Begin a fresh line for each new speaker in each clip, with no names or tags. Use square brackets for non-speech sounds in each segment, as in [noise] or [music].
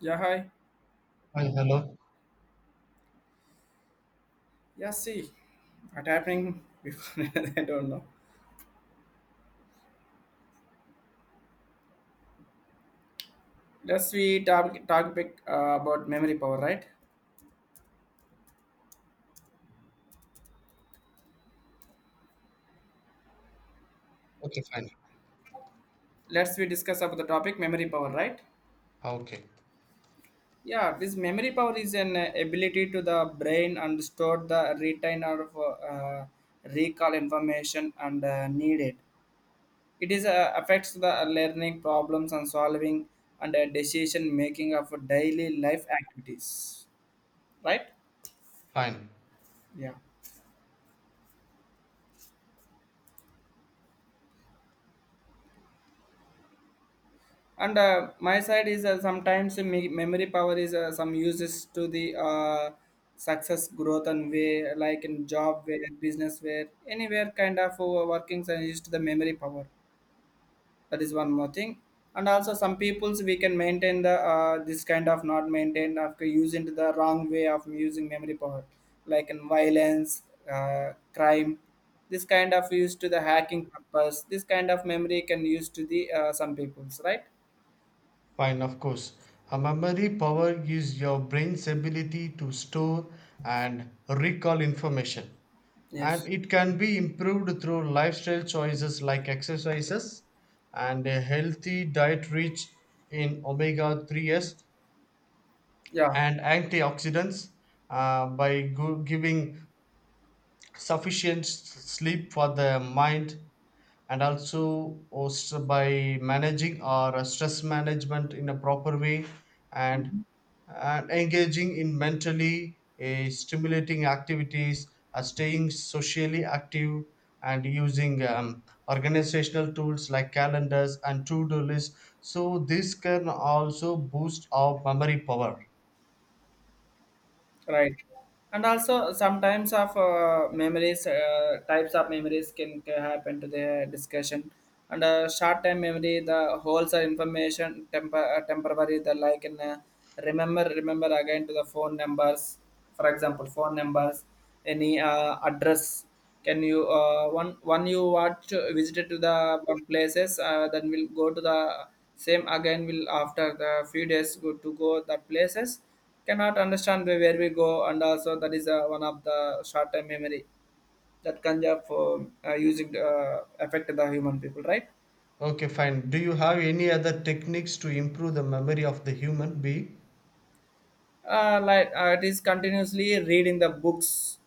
Yeah, hi.
Hi, hello.
Yeah, see, what happening before [laughs] I don't know. Let's we talk topic about memory power, right?
Okay, fine.
Let's we discuss about the topic memory power, right?
Okay,
Yeah, this memory power is an ability to the brain and store the retain or uh, recall information and needed. It is affects the learning problems and solving and decision making of daily life activities, right?
fine.
Yeah. And my side is sometimes memory power is some uses to the success growth and way like in job where business where anywhere kind of workings and used to the memory power. That is one more thing. And also some peoples we can maintain the this kind of not maintained after using to the wrong way of using memory power, like in violence, crime, this kind of used to the hacking purpose, this kind of memory can use to the some peoples, right?
Fine, of course. A memory power is your brain's ability to store and recall information. And
Yes.
it can be improved through lifestyle choices like exercises and a healthy diet rich in omega 3s
Yeah.
and antioxidants, by go- giving sufficient sleep for the mind, and also by managing our stress management in a proper way, and,
Mhm.
and engaging in mentally stimulating activities, staying socially active, and using organizational tools like calendars and to-do lists, so this can also boost our memory power.
Right. And also sometimes of memories, types of memories can happen to the discussion. And short term memory, the holds are information temporary. The like in remember again to the phone numbers. For example, phone numbers, any address. Can you one you watch visited to the one places, then we'll go to the same again. Will after the few days go to go the places cannot understand the- where we go, and also that is one of the short-term memory that can just for using affect the human people, right?
Okay, fine, do you have any other techniques to improve the memory of the human being?
Like it is continuously reading the books.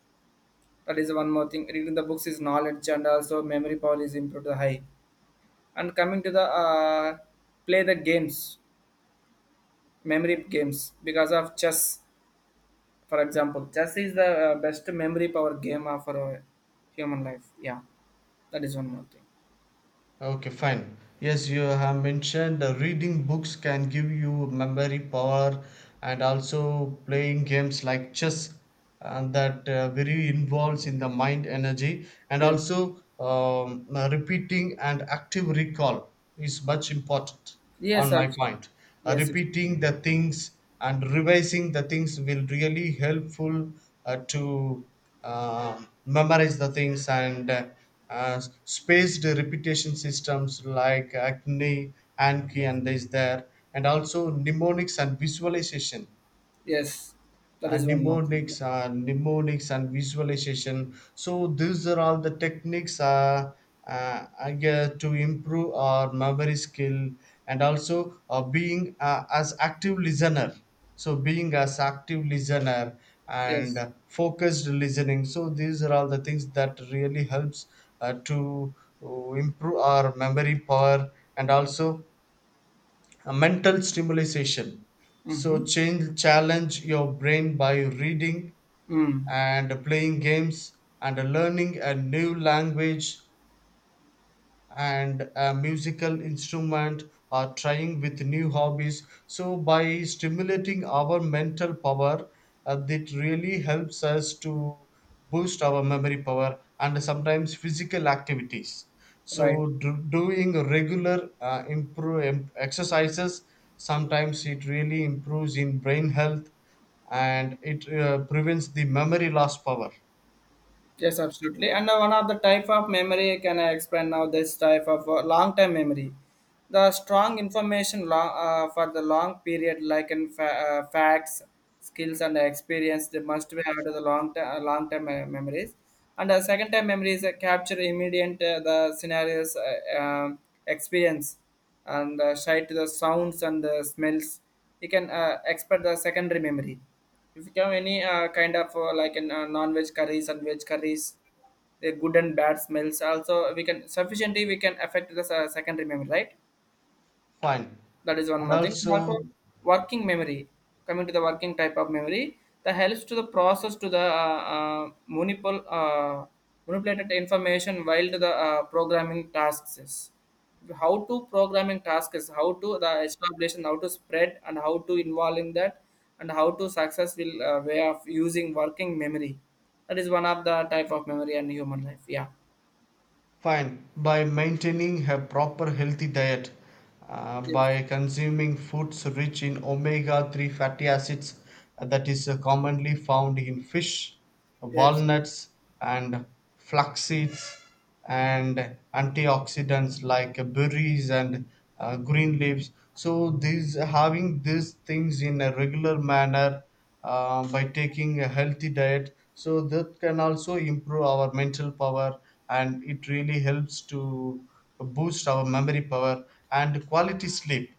That is one more thing. Reading the books is knowledge and also memory power is improved to high. And coming to the play the games, memory games, because of chess. For example, chess is the best memory power game of our human life. Yeah, that is one more thing.
Okay, fine. Yes, you have mentioned reading books can give you memory power, and also playing games like chess, and that very involves in the mind energy. And
Yes.
also repeating and active recall is much important
Yes,
on
sir.
my point.
Yes, yes,
Repeating the things and revising the things will really helpful to memorize the things, and spaced repetition systems like Anki,
yes.
and is there, and also mnemonics and visualization.
Yes. That is one more thing.
Mnemonics and visualization. So these are all the techniques I guess to improve our memory skill, and also being as active listener. So being as active listener and
Yes.
focused listening. So these are all the things that really helps to improve our memory power, and also a mental stimulation.
Mm-hmm.
So change challenge your brain by reading
Mm.
and playing games and learning a new language and a musical instrument, or trying with new hobbies. So by stimulating our mental power, that really helps us to boost our memory power. And sometimes physical activities,
Right.
so doing regular exercises, sometimes it really improves in brain health, and it prevents the memory loss power.
Yes, absolutely. And one of the type of memory, can I explain now this type of long-term memory? The strong information long, for the long period, like in facts, skills, and experience, they must be out of the long-term memories. And the second-time memories capture immediate the scenarios, experience, and sight to the sounds and the smells. You can expect the secondary memory if you have any kind of like an non-veg curries and veg curries, the good and bad smells also we can sufficiently we can affect the secondary memory, right?
Fine.
That is one
And
more thing. And also
also
working memory. Coming to the working type of memory, that helps to the process to the manipulated information while to the programming tasks. Is How to programming tasks, how to the establishing, how to spread, and how to involve in that, and how to successful way of using working memory. That is one of the type of memory and human life. Yeah.
fine. By maintaining a proper healthy diet,
Yes.
by consuming foods rich in omega 3 fatty acids, that is commonly found in fish,
Yes.
walnuts, and flax seeds, and antioxidants like berries and green leaves. So, these having these things in a regular manner, by taking a healthy diet, so that can also improve our mental power, and it really helps to boost our memory power. And quality sleep,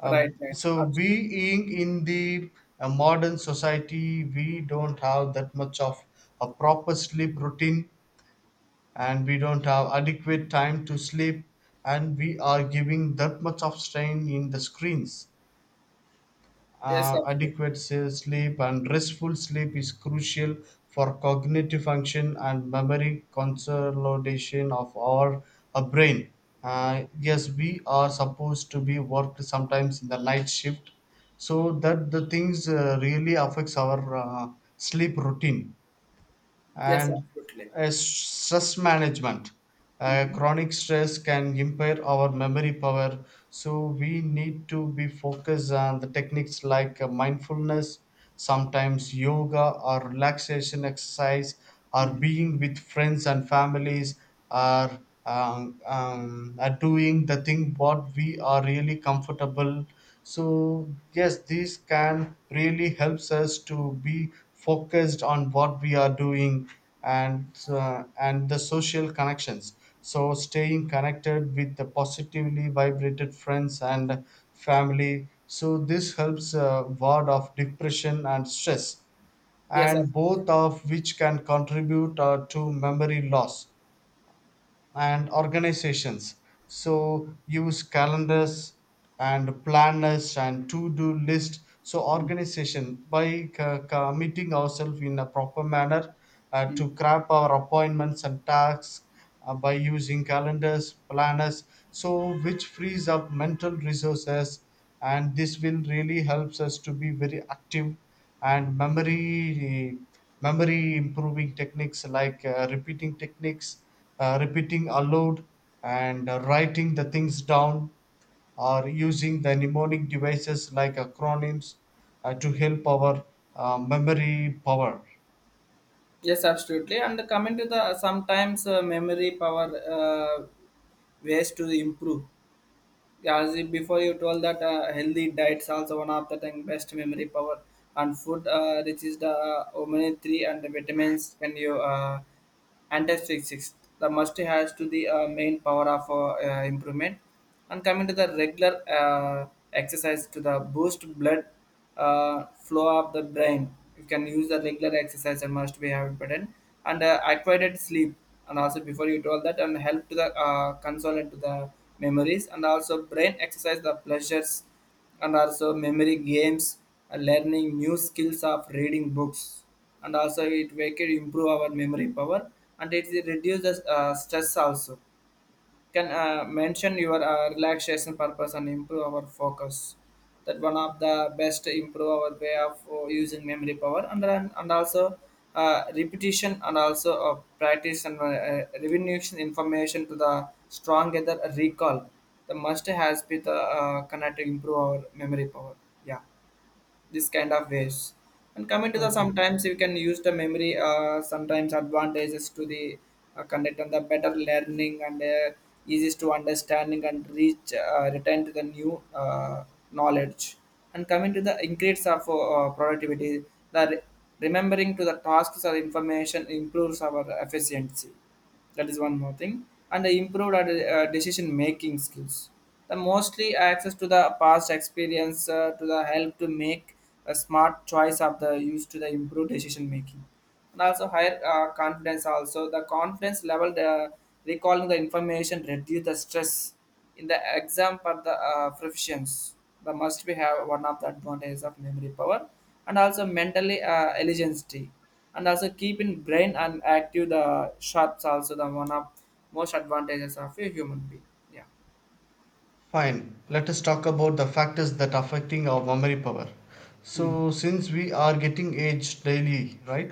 uh,
Right. Right.
so
Absolutely.
being in the modern society, we don't have that much of a proper sleep routine, and we don't have adequate time to sleep, and we are giving that much of strain in the screens.
Yes. Absolutely.
Sleep and restful sleep is crucial for cognitive function and memory consolidation of our brain. Yes, we are supposed to be worked sometimes in the night shift, so that the things really affects our sleep routine.
Yes.
And
Absolutely.
stress management.
Mhm.
Chronic stress can impair our memory power, so we need to be focused on the techniques like mindfulness, sometimes yoga or relaxation exercise, or
Mm.
being with friends and families, or are doing the thing what we are really comfortable. So yes, this can really helps us to be focused on what we are doing. And the social connections, so staying connected with the positively vibrated friends and family, so this helps ward of depression and stress,
Yes, ab-
and both of which can contribute to memory loss. And organizations, so use calendars and planners and to-do list. So
mm,
organization by committing ourselves in a proper manner to
mm.
grab our appointments and tasks, by using calendars planners, so which frees up mental resources, and this will really helps us to be very active. And memory improving techniques like repeating techniques, repeating aloud, and writing the things down, or using the mnemonic devices like acronyms to help our memory power.
Yes, absolutely. And coming to the sometimes memory power uh, ways to improve. As you- before you told that healthy diets also one of the thing best memory power and food which is the omega three and the vitamins can you antioxidants. The must has to the main power of improvement. And coming to the regular uh, exercise to the boost blood flow of the brain. You can use the regular exercise and must be have important and acquired sleep. And also before you told that and help to the consolidate to the memories, and also brain exercise the pleasures and also memory games, learning new skills of reading books, and also it make it improve our memory power, and it reduces stress also, can mention your relaxation purpose and improve our focus. That one of the best improve our way of using memory power, and then- and also repetition and also practice and revolution information to the stronger the recall, the must has been the connect to improve our memory power. Yeah, this kind of ways. And coming to the
Okay.
sometimes you can use the memory sometimes advantages to the conduct and the better learning and easiest to understanding and reach return to the new knowledge. And coming to the increase of productivity, the remembering to the tasks or information improves our efficiency. That is one more thing. And I improved our decision making skills, the mostly access to the past experience to the help to make a smart choice of the use to the improved decision making. And also higher confidence, also the confidence level, the recalling the information reduce the stress in the exam for the professions, the must be have one of the advantages of memory power. And also mentally eligibility, and also keeping brain and active the shots also the one of most advantages of a human being. Yeah.
Fine, let us talk about the factors that affecting our memory power.
Hmm.
So since we are getting aged daily, right?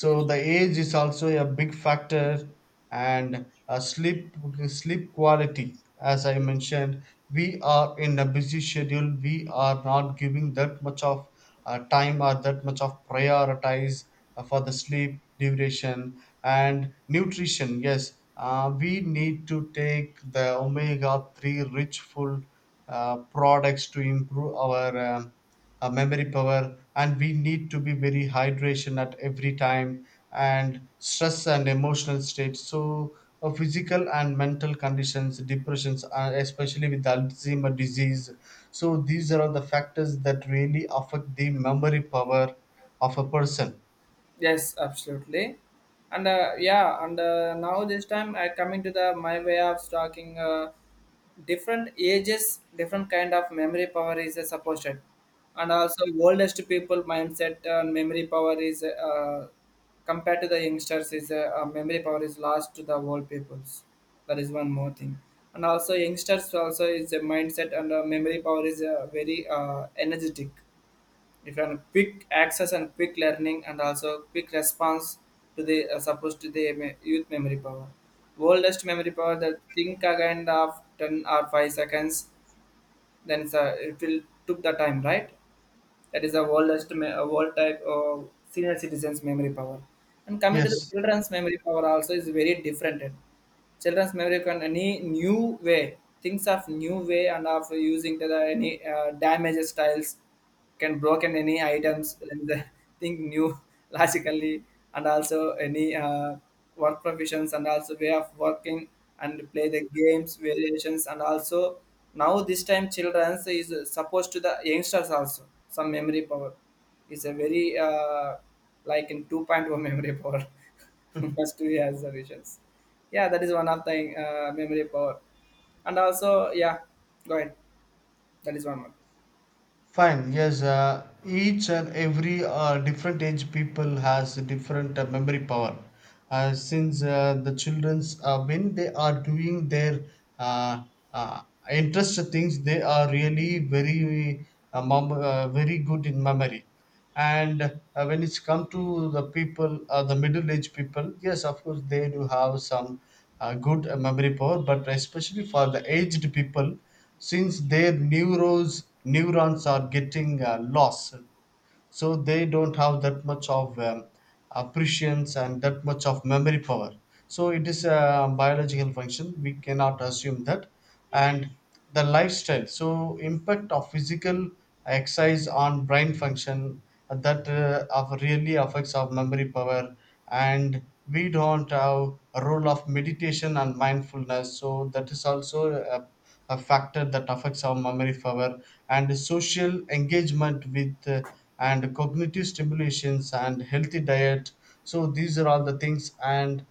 Yes.
the age is also a big factor, and sleep quality, as I mentioned, we are in a busy schedule, we are not giving that much of time are that much of prioritize for the sleep duration. And nutrition, yes, we need to take the omega 3 rich full products to improve our memory power, and we need to be very hydration at every time. And stress and emotional state, so physical and mental conditions, depressions, especially with alzheimer disease. So these are all the factors that really affect the memory power of a person.
Yes, absolutely. And now this time I coming to the my way of talking. Different ages, different kind of memory power is supported, and also oldest people mindset and memory power is compared to the youngsters is memory power is lost to the old peoples. That is one more thing, and also youngsters also is a mindset and memory power is very energetic if an quick access and quick learning and also quick response to the supposed to the youth memory power. Oldest memory power that think again of 10 or 5 seconds, then it will took the time, right? That is the oldest old type of senior citizens memory power. And coming to the
Yes. [laughs]
children's memory power also is very different. Children's memory can any new way thinks of new way and of using the any damaged styles, can broken any items and the think new [laughs] logically, and also any work professions and also way of working and play the games variations, and also now this time children's is supposed to the youngsters also some memory power is a very like in 2.0 memory power [laughs] first two years the visions. Yeah, that is one of the memory power. And also, yeah, go ahead. That is one more.
Fine. Yes. Each and every different age people has a different memory power. Since The childrens, when they are doing their uh, uh, interest things, they are really very very good in memory. And when it's come to the people, the middle aged people, yes, of course, they do have some good memory power, but especially for the aged people, since their neuros neurons are getting lost, so they don't have that much of appreciance and that much of memory power. So it is a biological function, we cannot assume that. And the lifestyle, so impact of physical exercise on brain function, that of really affects our memory power. And we don't have a role of meditation and mindfulness, so that is also a factor that affects our memory power. And social engagement with and cognitive stimulations and healthy diet, so these are all the things. And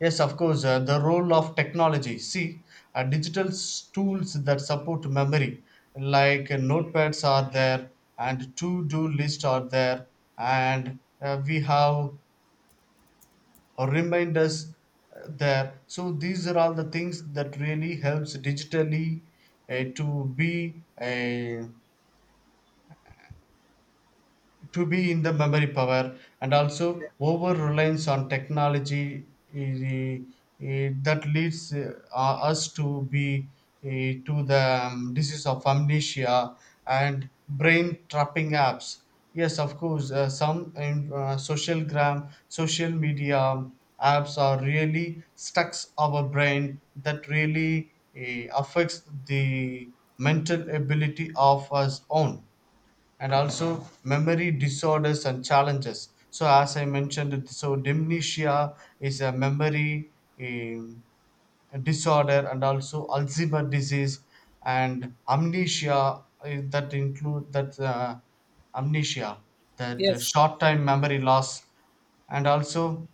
yes, of course, the role of technology, see digital tools that support memory, like notepads are there, and to do list are there, and we have or remind us there, so these are all the things that really helps digitally to be a to be in the memory power. And
Yeah.
also over reliance on technology, eh, eh, that leads us to be to the disease of amnesia and brain trapping apps. Yes, of course, some in, social gram social media apps are really stucks our brain, that really affects the mental ability of us own. And also memory disorders and challenges. So, as I mentioned, so dementia is a memory um, disorder, and also Alzheimer's disease and amnesia, that include that amnesia, that
Yes,
short time memory loss, and also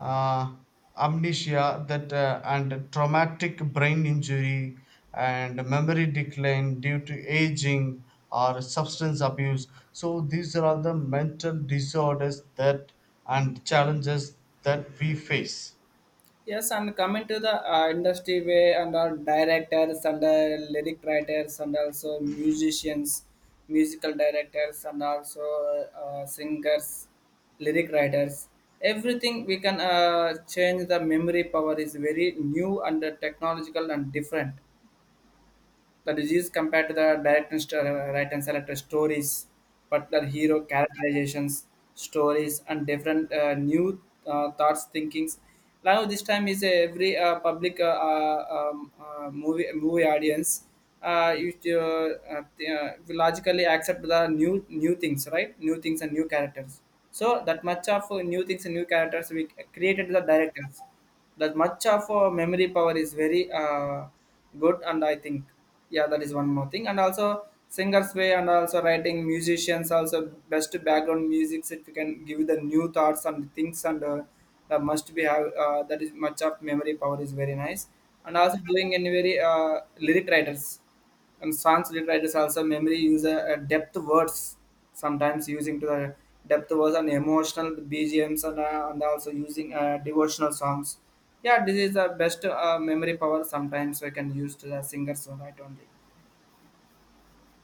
uh, amnesia that and traumatic brain injury and memory decline due to aging or substance abuse. So these are all the mental disorders that and challenges that we face.
yes, and coming to the industry way and our directors and the lyric writers and also musicians, musical directors and also singers, lyric writers. Everything we can change the memory power is very new and technological and different. The disease compared to the direct and st- right and select stories, particular hero characterizations, stories, and different new thoughts, thinkings. Now this time is every public movie audience. You will logically accept the new things, right? New things and new characters. So that much of new things and new characters we created the directors, that much of memory power is very good, and I think, yeah, that is one more thing. And also singers way and also writing musicians also best background music if you can give the new thoughts and things and that must be have that is much of memory power is very nice. And also doing any very lyric writers and translate writers also memory use a depth words, sometimes using to the depth words and emotional B G Ms and and also using devotional songs. Yeah, this is the best memory power sometimes we can use to the singers, right only.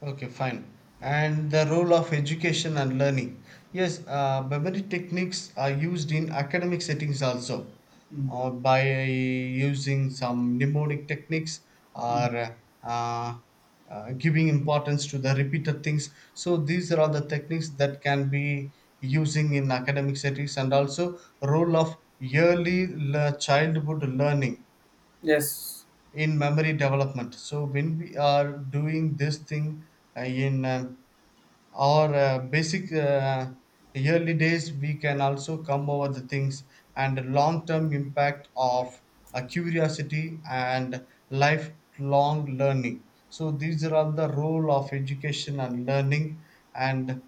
Okay, fine. And the role of education and learning. Yes, memory techniques are used in academic settings also,
Mm.
by using some mnemonic techniques
Mm.
or giving importance to the repeated things. So these are all the techniques that can be using in academic settings, and also role of early childhood learning
Yes.
in memory development. So when we are doing this thing in or basic yearly days, we can also come over the things, and long term impact of curiosity and lifelong learning. So these are all the role of education and learning. And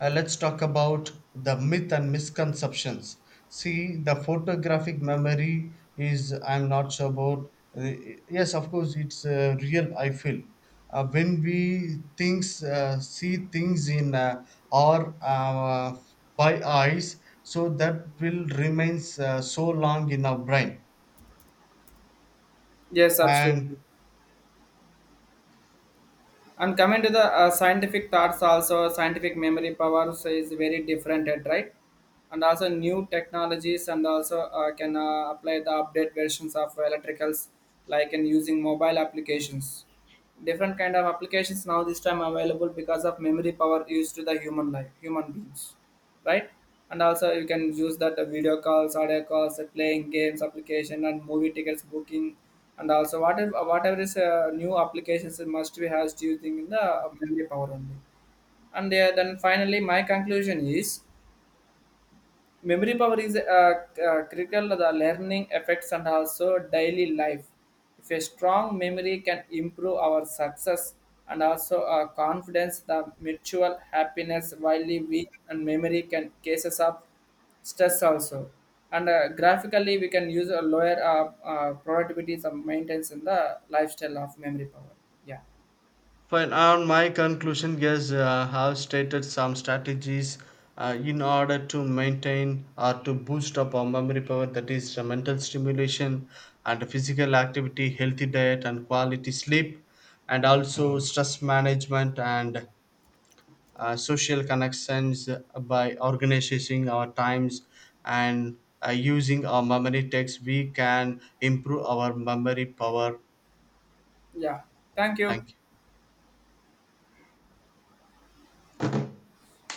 let's talk about the myth and misconceptions. See, the photographic memory is, I'm not sure about. uh, yes, of course, it's real, I feel. When we see things in our by eyes, so that will remains so long in our brain.
Yes, absolutely.
And
And coming to the scientific thoughts, also scientific memory power so is very different, at right? And also new technologies, and also can apply the update versions of electricals, like in using mobile applications. Different kind of applications now this time available because of memory power used to the human life, human beings, right? And also you can use that video calls, audio calls, playing games application, and movie tickets booking, and also whatever is new applications it must be has using in the memory power only. And then finally, my conclusion is. Memory power is critical to the learning effects and also daily life. If a strong memory can improve our success and also our confidence, the mutual happiness, while we and memory can cases of stress also. And graphically, we can use a lower productivity and maintenance in the lifestyle of memory power. Yeah,
fine. On my conclusion, yes, have stated some strategies in order to maintain or to boost up our memory power. That is mental stimulation and physical activity, healthy diet and quality sleep, and also stress management and social connections, by organizing our times and using our memory techs. We can improve our memory power.
yeah. Thank you.
Thank you.